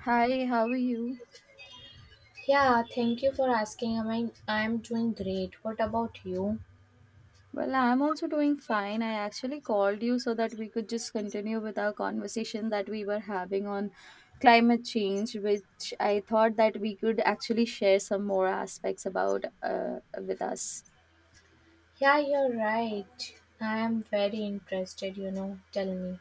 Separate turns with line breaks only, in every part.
Hi, how are you?
Yeah, thank you for asking. I'm doing great. What about you?
Well, I'm also doing fine. I actually called you so that we could just continue with our conversation that we were having on climate change, which I thought that we could actually share some more aspects about with us.
Yeah, you're right. I am very interested, Tell me.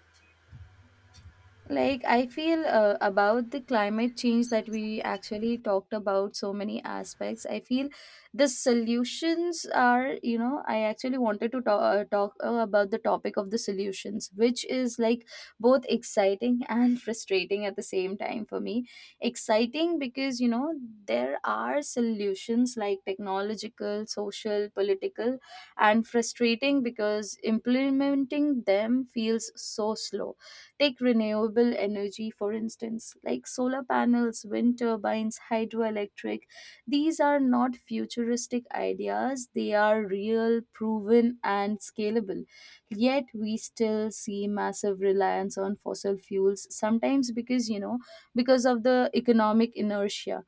I feel about the climate change that we actually talked about so many aspects. I feel the solutions are, you know, I actually wanted to talk about the topic of the solutions, which is like both exciting and frustrating at the same time for me. Exciting because, you know, there are solutions like technological, social, political, and frustrating because implementing them feels so slow. Take renewable energy, for instance, like solar panels, wind turbines, hydroelectric. These are not futuristic ideas, they are real, proven, and scalable. Yet, we still see massive reliance on fossil fuels, sometimes because, you know, because of the economic inertia,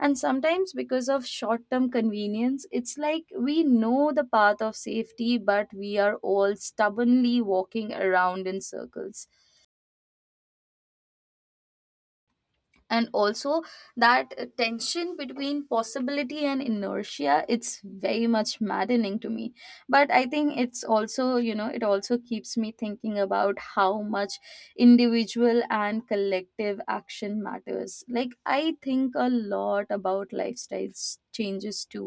and sometimes because of short term convenience. It's like we know the path of safety but we are all stubbornly walking around in circles. And also that tension between possibility and inertia, it's very much maddening to me. But I think it's also, you know, it also keeps me thinking about how much individual and collective action matters. Like, I think a lot about lifestyle changes too.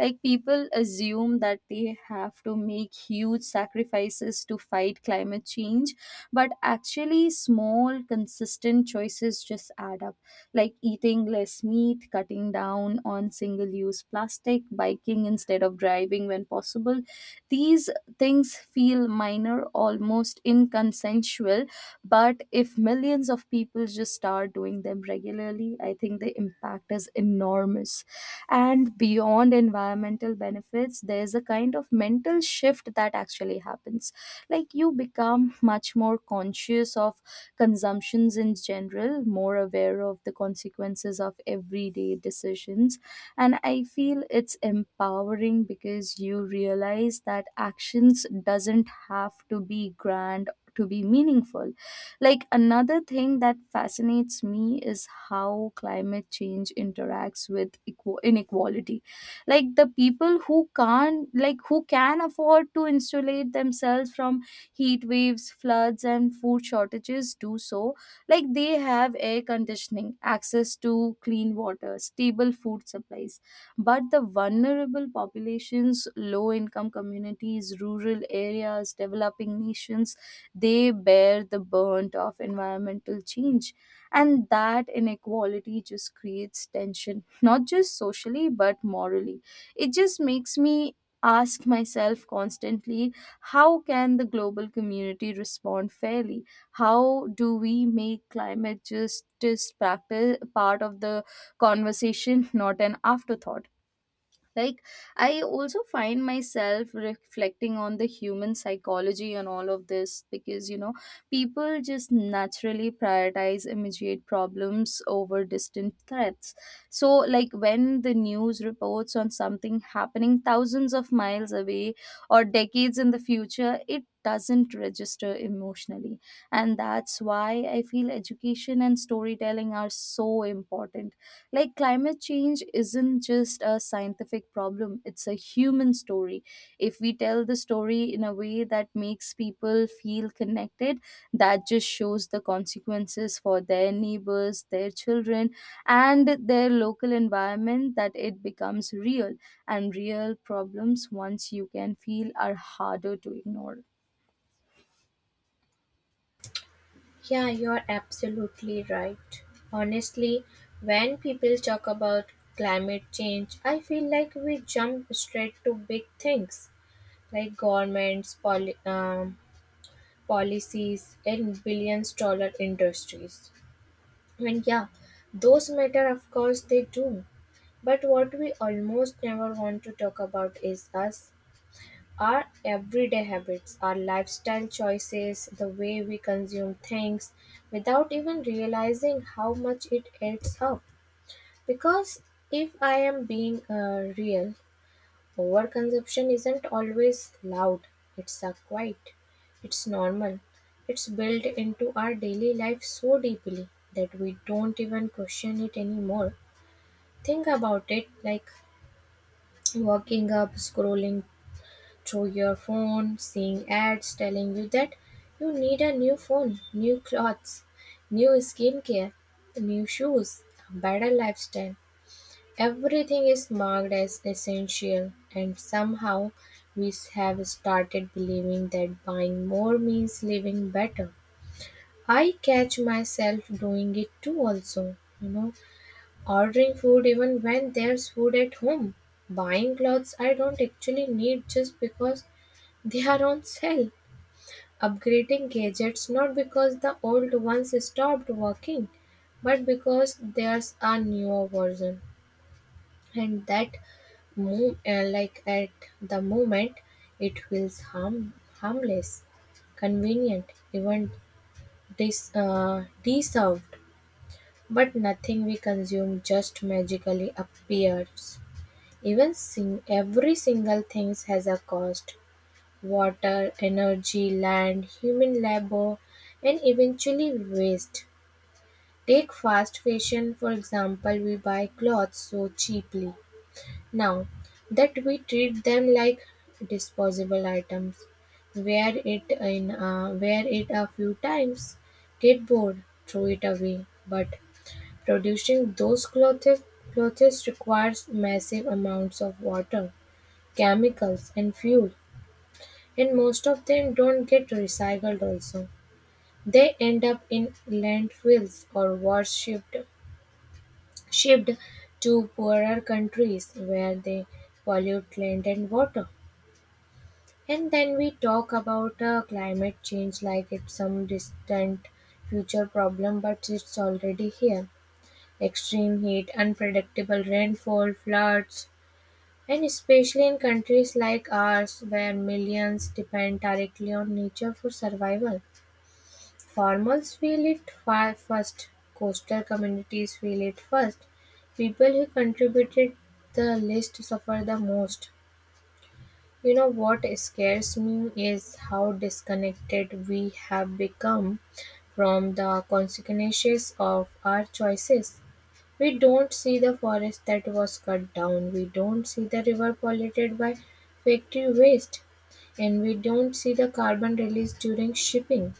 Like, people assume that they have to make huge sacrifices to fight climate change, but actually small consistent choices just add up. Like eating less meat, cutting down on single use plastic, biking instead of driving when possible. These things feel minor, almost inconsensual, but if millions of people just start doing them regularly, I think the impact is enormous. And beyond environmental benefits, there's a kind of mental shift that actually happens. Like, you become much more conscious of consumptions in general, more aware of the consequences of everyday decisions. And I feel it's empowering because you realize that actions doesn't have to be grand to be meaningful. Like, another thing that fascinates me is how climate change interacts with inequality. Like, the people who can't like who can afford to insulate themselves from heat waves, floods, and food shortages do so. Like, they have air conditioning, access to clean water, stable food supplies. But the vulnerable populations, low income communities, rural areas, developing nations, they bear the burnt of environmental change. And that inequality just creates tension, not just socially, but morally. It just makes me ask myself constantly, how can the global community respond fairly? How do we make climate justice practice part of the conversation, not an afterthought? Like, I also find myself reflecting on the human psychology and all of this because, you know, people just naturally prioritize immediate problems over distant threats. So, like, when the news reports on something happening thousands of miles away or decades in the future, it doesn't register emotionally. And that's why I feel education and storytelling are so important. Like, climate change isn't just a scientific problem, it's a human story. If we tell the story in a way that makes people feel connected, that just shows the consequences for their neighbors, their children, and their local environment, that it becomes real. And real problems, once you can feel, are harder to ignore.
Yeah, you're absolutely right. Honestly, when people talk about climate change, I feel like we jump straight to big things like governments, policies, and billions dollar industries. And yeah, those matter, of course, they do. But what we almost never want to talk about is us, our everyday habits, our lifestyle choices, the way we consume things without even realizing how much it adds up. Because if I am being real, overconsumption isn't always loud, it's a quiet, it's normal, it's built into our daily life so deeply that we don't even question it anymore. Think about it like waking up, scrolling through your phone, seeing ads telling you that you need a new phone, new clothes, new skincare, new shoes, a better lifestyle. Everything is marked as essential, and somehow we have started believing that buying more means living better. I catch myself doing it too, also, ordering food even when there's food at home, buying clothes I don't actually need just because they are on sale, upgrading gadgets not because the old ones stopped working, but because there's a newer version, and like at the moment it feels harmless, convenient, even deserved. But nothing we consume just magically appears. Every single thing has a cost: water, energy, land, human labor, and eventually waste. Take fast fashion for example. We buy clothes so cheaply now that we treat them like disposable items, wear it a few times, get bored, throw it away. But producing those clothes requires massive amounts of water, chemicals, and fuel, and most of them don't get recycled. Also, they end up in landfills, or worse, shipped to poorer countries where they pollute land and water. And then we talk about climate change like it's some distant future problem, but it's already here. Extreme heat, unpredictable rainfall, floods, and especially in countries like ours where millions depend directly on nature for survival. Farmers feel it far first, coastal communities feel it first. People who contributed the least suffer the most. You know what scares me is how disconnected we have become from the consequences of our choices. We don't see the forest that was cut down, we don't see the river polluted by factory waste, and we don't see the carbon released during shipping.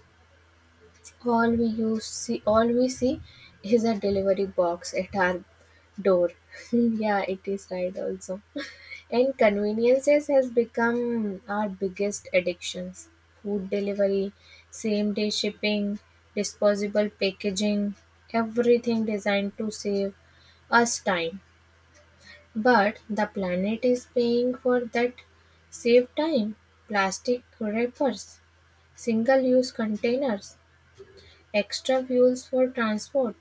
All we see is a delivery box at our door. Yeah, it is right also. And conveniences has become our biggest addictions. Food delivery, same day shipping, disposable packaging, everything designed to save us time. But the planet is paying for that saved time. Plastic wrappers, single use containers, extra fuels for transport.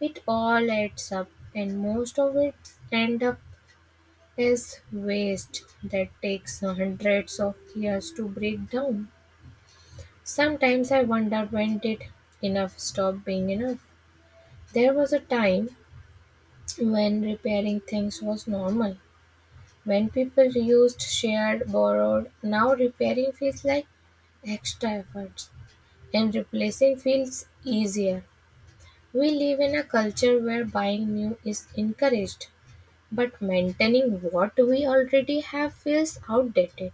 It all adds up, and most of it end up is waste that takes hundreds of years to break down. Sometimes I wonder when did enough stop being enough. There was a time when repairing things was normal, when people used shared, borrowed. Now repairing feels like extra efforts and replacing feels easier. We live in a culture where buying new is encouraged, but maintaining what we already have feels outdated.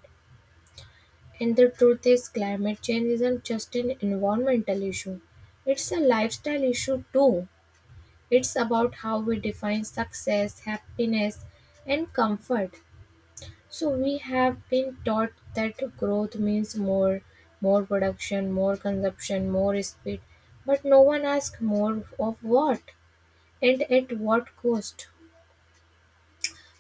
And the truth is, climate change isn't just an environmental issue, it's a lifestyle issue too. It's about how we define success, happiness, and comfort. So, we have been taught that growth means more, more production, more consumption, more speed, but no one asks more of what and at what cost.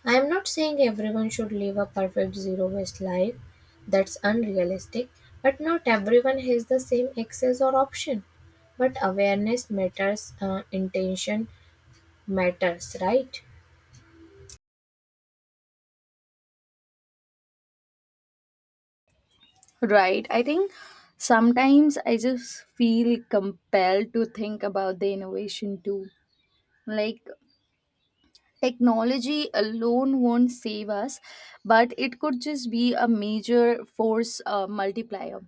I am not saying everyone should live a perfect zero waste life, that's unrealistic, but not everyone has the same access or option. But awareness matters, intention matters, right?
Right. I think sometimes I just feel compelled to think about the innovation too. Like, technology alone won't save us, but it could just be a major force multiplier.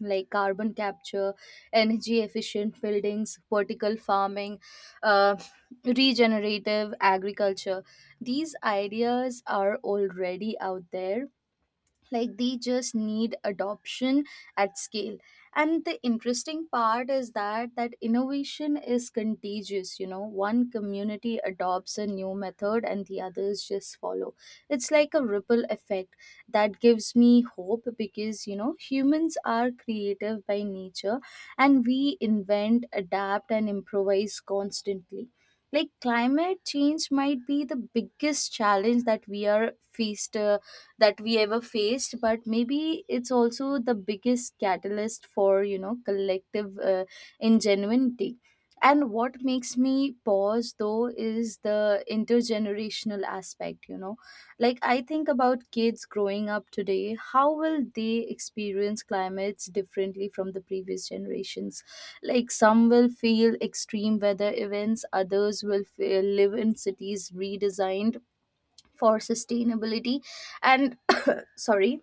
Like carbon capture, energy efficient buildings, vertical farming, uh, regenerative agriculture. These ideas are already out there. Like, they just need adoption at scale. And the interesting part is that innovation is contagious. You know, one community adopts a new method and the others just follow. It's like a ripple effect. That gives me hope because, you know, humans are creative by nature, and we invent, adapt, and improvise constantly. Like, climate change might be the biggest challenge that we are faced that we ever faced, but maybe it's also the biggest catalyst for, you know, collective ingenuity. And what makes me pause though is the intergenerational aspect, you know. Like, I think about kids growing up today, how will they experience climates differently from the previous generations. Like, some will feel extreme weather events, others will live in cities redesigned for sustainability, and sorry,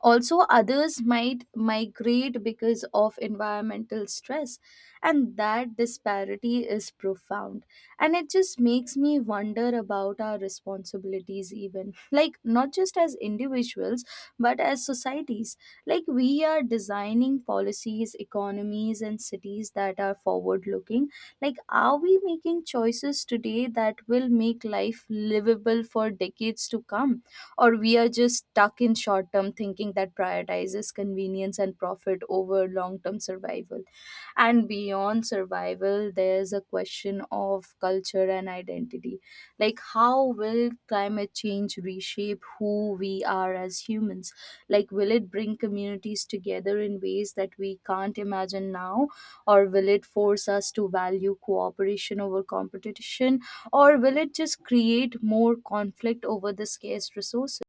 also others might migrate because of environmental stress. And that disparity is profound. And it just makes me wonder about our responsibilities, even like not just as individuals but as societies. Like, we are designing policies, economies, and cities that are forward looking. Like, are we making choices today that will make life livable for decades to come, or we are just stuck in short term thinking that prioritizes convenience and profit over long term survival. And beyond survival, there's a question of culture and identity. Like, how will climate change reshape who we are as humans? Like, will it bring communities together in ways that we can't imagine now? Or will it force us to value cooperation over competition? Or will it just create more conflict over the scarce resources?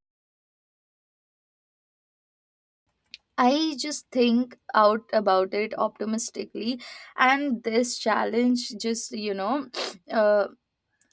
I just think out about it optimistically, and this challenge just, you know, uh,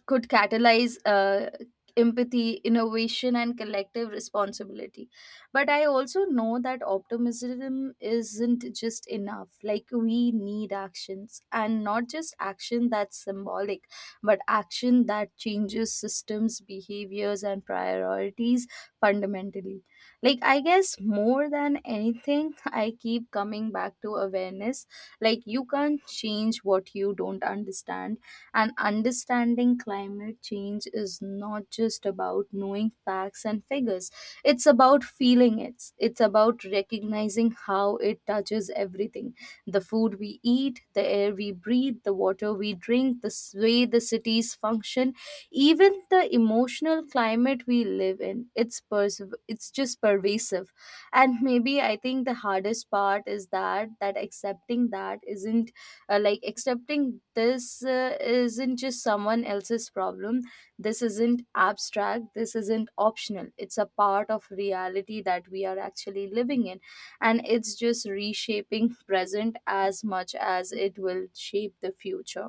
could catalyze empathy, innovation, and collective responsibility. But I also know that optimism isn't just enough. Like, we need actions, and not just action that's symbolic, but action that changes systems, behaviors, and priorities fundamentally. Like, I guess more than anything, I keep coming back to awareness. Like, you can't change what you don't understand, and understanding climate change is not just about knowing facts and figures, it's about feeling it. It's about recognizing how it touches everything, the food we eat, the air we breathe, the water we drink, the way the cities function, even the emotional climate we live in. It's just pervasive. And maybe I think the hardest part is that that accepting that isn't like accepting this isn't just someone else's problem. This isn't abstract, this isn't optional, it's a part of reality that we are actually living in. And it's just reshaping present as much as it will shape the future.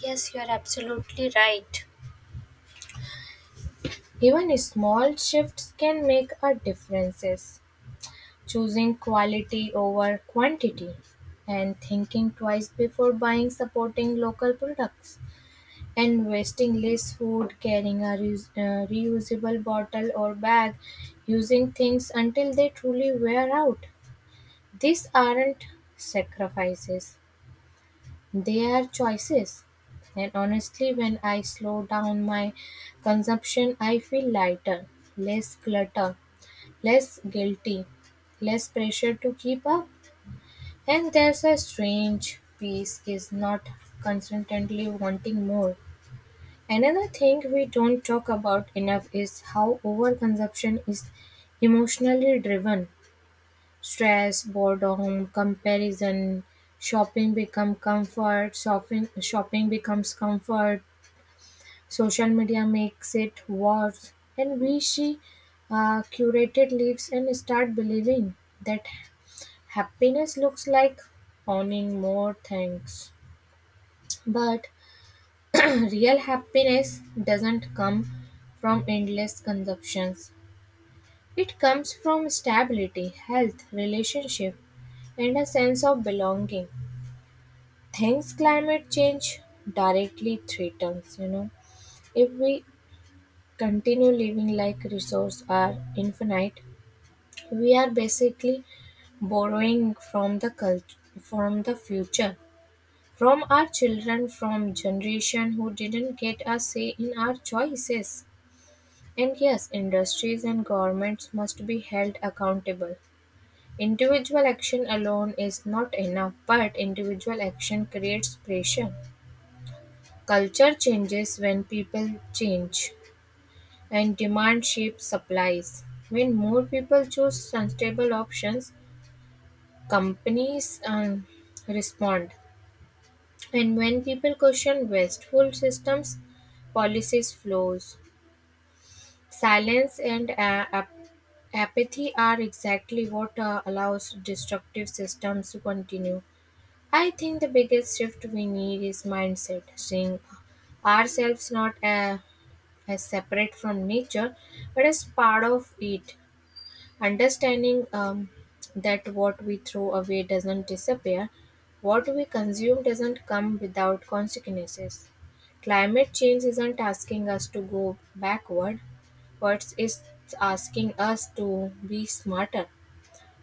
Yes, you are absolutely right. Even small shifts can make a differences. Choosing quality over quantity and thinking twice before buying, supporting local products. And wasting less food, carrying a reusable bottle or bag, using things until they truly wear out. These aren't sacrifices, they are choices. And honestly, when I slow down my consumption, I feel lighter, less clutter, less guilty, less pressure to keep up. And there's a strange peace is not constantly wanting more. Another thing we don't talk about enough is how overconsumption is emotionally driven. Stress, boredom, comparison, shopping become comfort, shopping becomes comfort, social media makes it worse, and we see curated lives and start believing that happiness looks like owning more things. But real happiness doesn't come from endless consumptions. It comes from stability, health, relationship, and a sense of belonging. Things climate change directly threatens, you know. If we continue living like resources are infinite, we are basically borrowing from the culture, from the future, from our children, from generation who didn't get a say in our choices. And yes, industries and governments must be held accountable. Individual action alone is not enough, but individual action creates pressure. Culture changes when people change, and demand shapes supplies. When more people choose sustainable options, companies respond. And when people question wasteful systems, policies flows. Silence and apathy are exactly what allows destructive systems to continue. I think the biggest shift we need is mindset, seeing ourselves not as separate from nature, but as part of it. Understanding that what we throw away doesn't disappear, what we consume doesn't come without consequences. Climate change isn't asking us to go backward, but it's asking us to be smarter,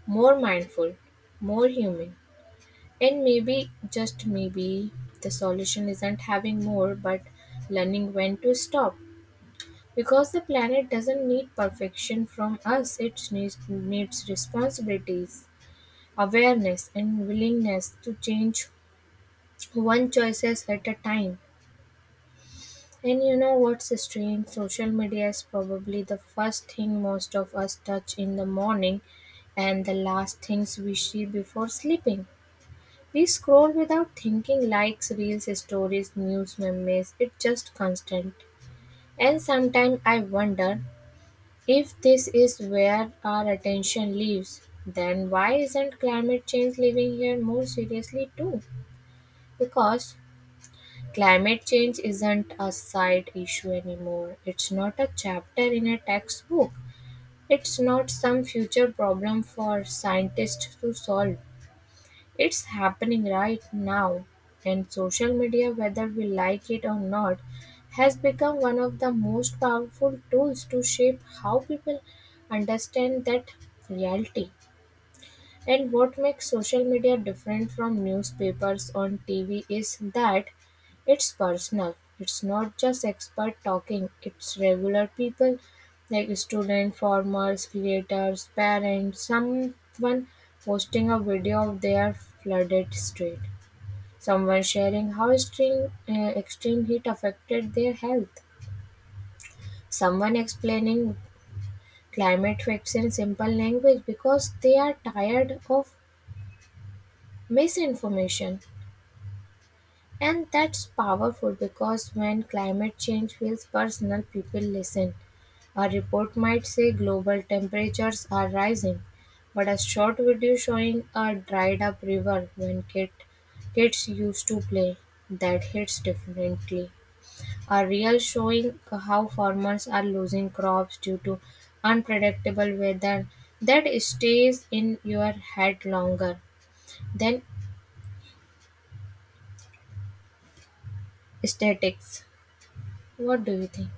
more mindful, more human. And maybe, just maybe, the solution isn't having more but learning when to stop. Because the planet doesn't need perfection from us, it needs responsibilities, awareness, and willingness to change one choices at a time. And you know what's strange? Social media is probably the first thing most of us touch in the morning and the last things we see before sleeping. We scroll without thinking likes, reels, stories, news, memes. It's just constant. And sometimes I wonder, if this is where our attention lives, then why isn't climate change living here more seriously too? Because climate change isn't a side issue anymore. It's not a chapter in a textbook. It's not some future problem for scientists to solve. It's happening right now, and social media, whether we like it or not, has become one of the most powerful tools to shape how people understand that reality. And what makes social media different from newspapers on TV is that it's personal. It's not just expert talking, it's regular people like student, farmers, creators, parents, someone posting a video of their flooded street, someone sharing how extreme heat affected their health, someone explaining climate facts in simple language because they are tired of misinformation. And that's powerful because when climate change feels personal, people listen. A report might say global temperatures are rising, but a short video showing a dried up river when kids used to play, that hits differently. A reel showing how farmers are losing crops due to unpredictable weather that stays in your head longer than statics. What do you think?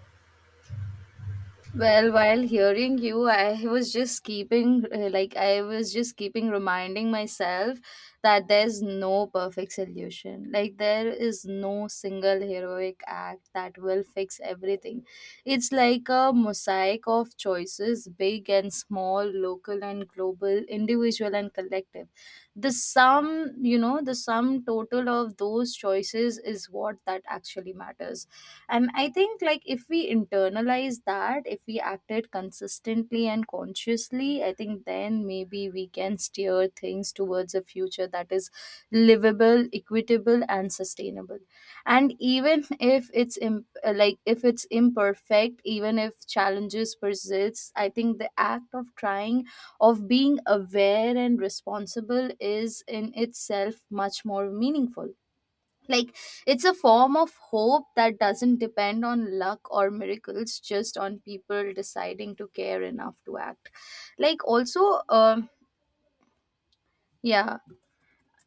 Well, while hearing you, I was just keeping reminding myself that there's no perfect solution. Like, there is no single heroic act that will fix everything. It's like a mosaic of choices, big and small, local and global, individual and collective. The sum, you know, the sum total of those choices is what that actually matters. And I think, like, if we internalize that, if we acted consistently and consciously, I think then maybe we can steer things towards a future that is livable, equitable, and sustainable. And even if it's imperfect, even if challenges persist, I think the act of trying, of being aware and responsible, is in itself much more meaningful. Like, it's a form of hope that doesn't depend on luck or miracles, just on people deciding to care enough to act. Like, also yeah.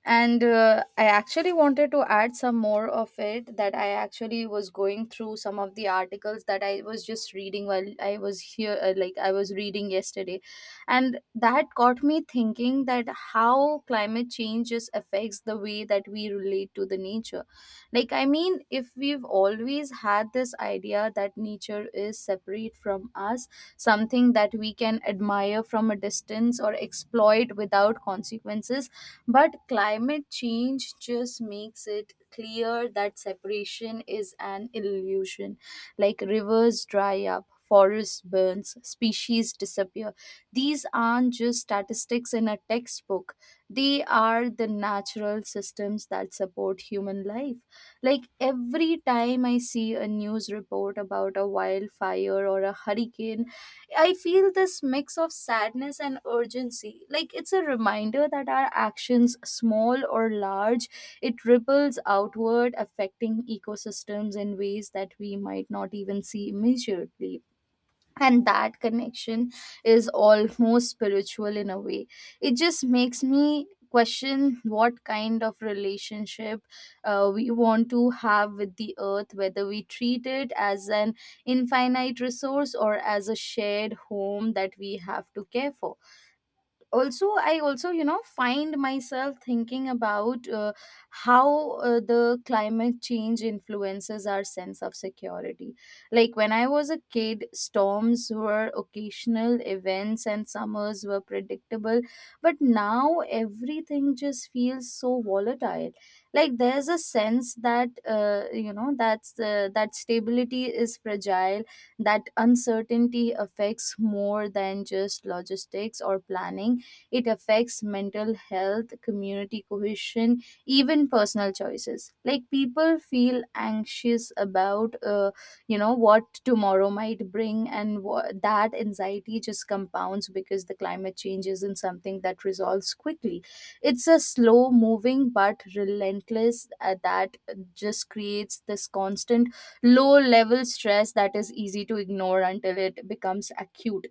And I actually wanted to add some more of it, that I actually was going through some of the articles that I was just reading while I was here. Like, I was reading yesterday, and that got me thinking that how climate changes affects the way that we relate to the nature. Like, I mean, if we've always had this idea that nature is separate from us, something that we can admire from a distance or exploit without consequences, but climate change just makes it clear that separation is an illusion. Like, rivers dry up, forests burns, species disappear. These aren't just statistics in a textbook. They are the natural systems that support human life. Like, every time I see a news report about a wildfire or a hurricane, I feel this mix of sadness and urgency. Like, it's a reminder that our actions, small or large, it ripples outward, affecting ecosystems in ways that we might not even see immediately. And that connection is almost spiritual in a way. It just makes me question what kind of relationship we want to have with the earth, whether we treat it as an infinite resource or as a shared home that we have to care for. Also, I also, you know, find myself thinking about how the climate change influences our sense of security. Like, when I was a kid, storms were occasional events and summers were predictable, but now everything just feels so volatile. Like, there's a sense that that stability is fragile, that uncertainty affects more than just logistics or planning. It affects mental health, community cohesion, even personal choices. Like, people feel anxious about, you know, what tomorrow might bring, and that anxiety just compounds because the climate change isn't something that resolves quickly. It's a slow moving but relentless that just creates this constant low level stress that is easy to ignore until it becomes acute.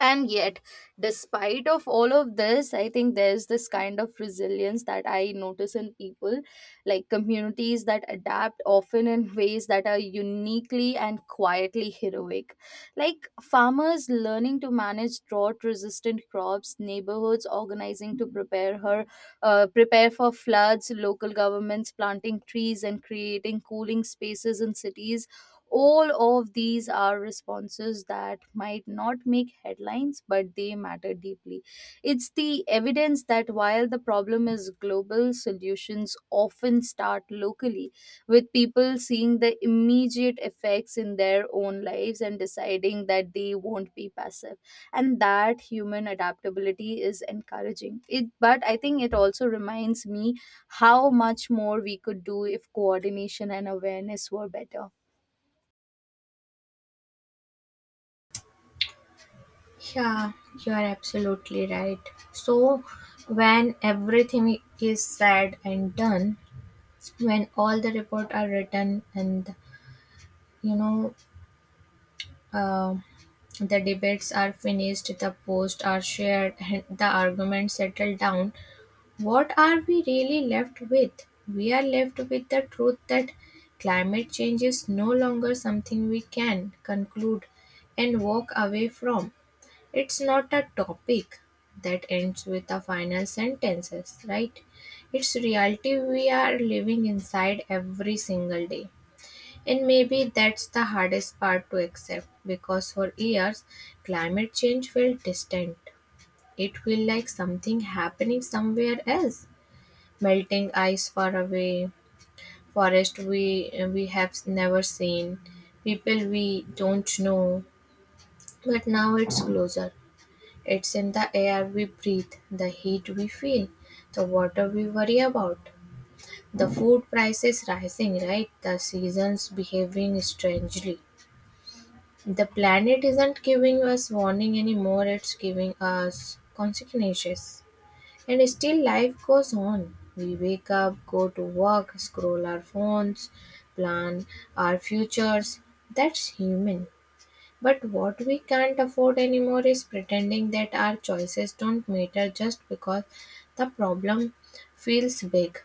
And yet, despite of all of this, I think there's this kind of resilience that I notice in people. Like, communities that adapt often in ways that are uniquely and quietly heroic. Like farmers learning to manage drought resistant crops, neighborhoods organizing to prepare for floods, local governments planting trees and creating cooling spaces in cities. All of these are responses that might not make headlines, but they matter deeply. It's the evidence that while the problem is global, solutions often start locally, with people seeing the immediate effects in their own lives and deciding that they won't be passive. And that human adaptability is encouraging. It, but I think it also reminds me how much more we could do if coordination and awareness were better.
Yeah, you are absolutely right. So, when everything is said and done, when all the report are written and you know uh, the debates are finished, the posts are shared, and the arguments settle down, what are we really left with? We are left with the truth that climate change is no longer something we can conclude and walk away from. It's not a topic that ends with a final sentences, right? It's reality we are living inside every single day. And maybe that's the hardest part to accept because for years climate change felt distant. It felt like something happening somewhere else. Melting ice far away, forest we have never seen, people we don't know. But now it's closer. It's in the air we breathe, the heat we feel, the water we worry about, the food prices rising, right? The seasons behaving strangely. The planet isn't giving us warning anymore, it's giving us consequences. And still, life goes on. We wake up, go to work, scroll our phones, plan our futures. That's human. But what we can't afford anymore is pretending that our choices don't matter just because the problem feels big.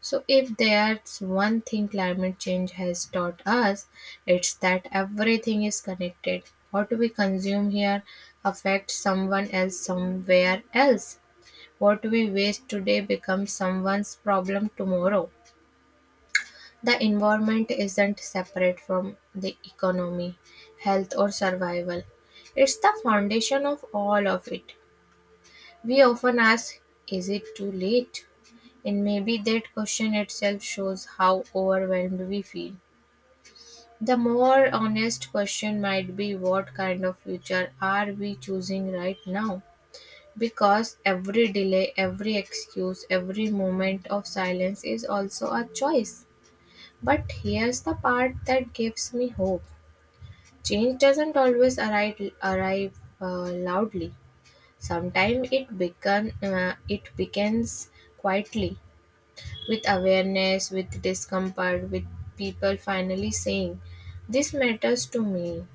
So, if there's one thing climate change has taught us, it's that everything is connected. What we consume here affects someone else somewhere else. What we waste today becomes someone's problem tomorrow. The environment isn't separate from the economy, health, or survival. It's the foundation of all of it. We often ask, is it too late? And maybe that question itself shows how overwhelmed we feel. The more honest question might be what kind of future are we choosing right now? Because every delay, every excuse, every moment of silence is also a choice. But here's the part that gives me hope. Change doesn't always arrive loudly. Sometimes it begins quietly, with awareness, with discomfort, with people finally saying, "This matters to me."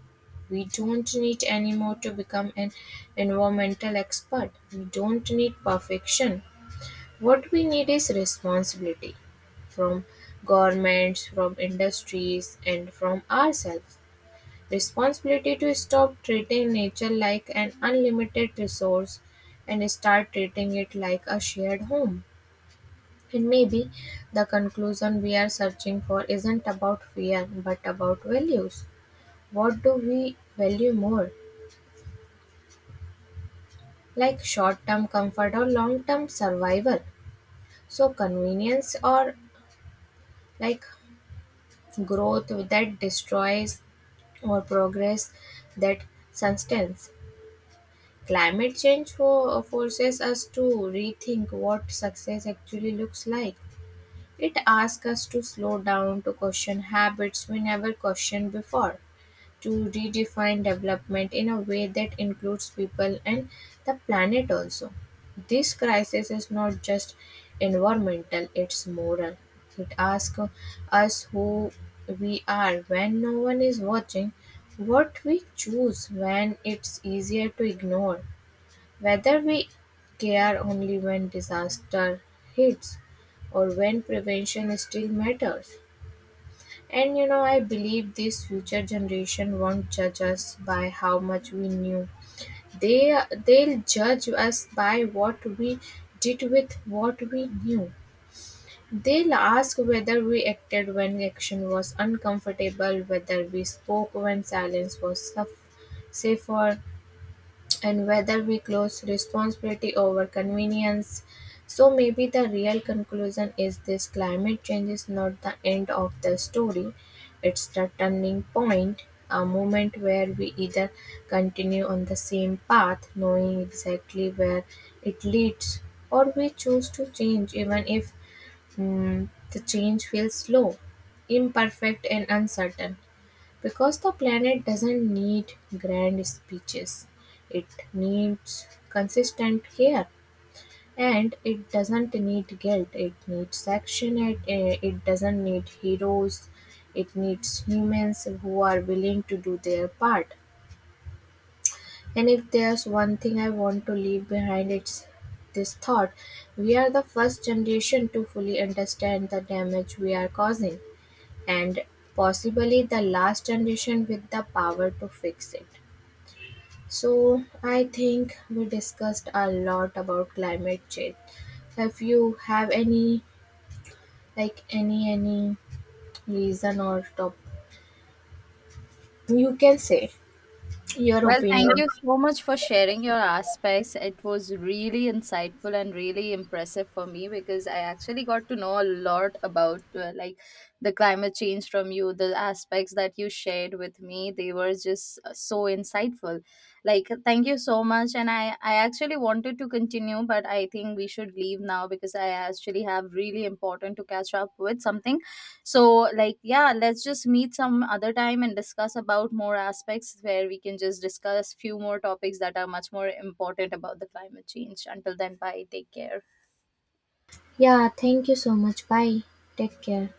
We don't need anymore to become an environmental expert. We don't need perfection. What we need is responsibility from governments, from industries, and from ourselves. Responsibility to stop treating nature like an unlimited resource and start treating it like a shared home. And maybe the conclusion we are searching for isn't about fear but about values. What do we value more? Like short term comfort or long term survival? So, convenience, or like growth that destroys, or progress that sustains. Climate change forces us to rethink what success actually looks like. It asks us to slow down, to question habits we never questioned before, to redefine development in a way that includes people and the planet also. This crisis is not just environmental, it's moral. It asks us who we are when no one is watching, what we choose when it's easier to ignore, whether we care only when disaster hits or when prevention still matters. And you know, I believe this future generation won't judge us by how much we knew. They they'll judge us by what we did with what we knew. They'll ask whether we acted when action was uncomfortable, whether we spoke when safer, and whether we close responsibility over convenience. So maybe the real conclusion is this: climate change is not the end of the story, it's the turning point, a moment where we either continue on the same path, knowing exactly where it leads, or we choose to change even if the change feels slow, imperfect, and uncertain. Because the planet doesn't need grand speeches, it needs consistent care, and it doesn't need guilt, it needs action, it doesn't need heroes, it needs humans who are willing to do their part. And if there's one thing I want to leave behind, it's this thought: we are the first generation to fully understand the damage we are causing, and possibly the last generation with the power to fix it. So, I think we discussed a lot about climate change. So, if you have any, like any reason or top, you can say your
Well, thank
opinion.
you so much for sharing your aspects. It was really insightful and really impressive for me because I actually got to know a lot about, like, the climate change from you. The aspects that you shared with me, they were just so insightful. Like, thank you so much. And I actually wanted to continue, but I think we should leave now because I actually have really important to catch up with something. So, like, yeah, let's just meet some other time and discuss about more aspects where we can just discuss few more topics that are much more important about the climate change. Until then, bye, take care.
Yeah, thank you so much. Bye. Take care.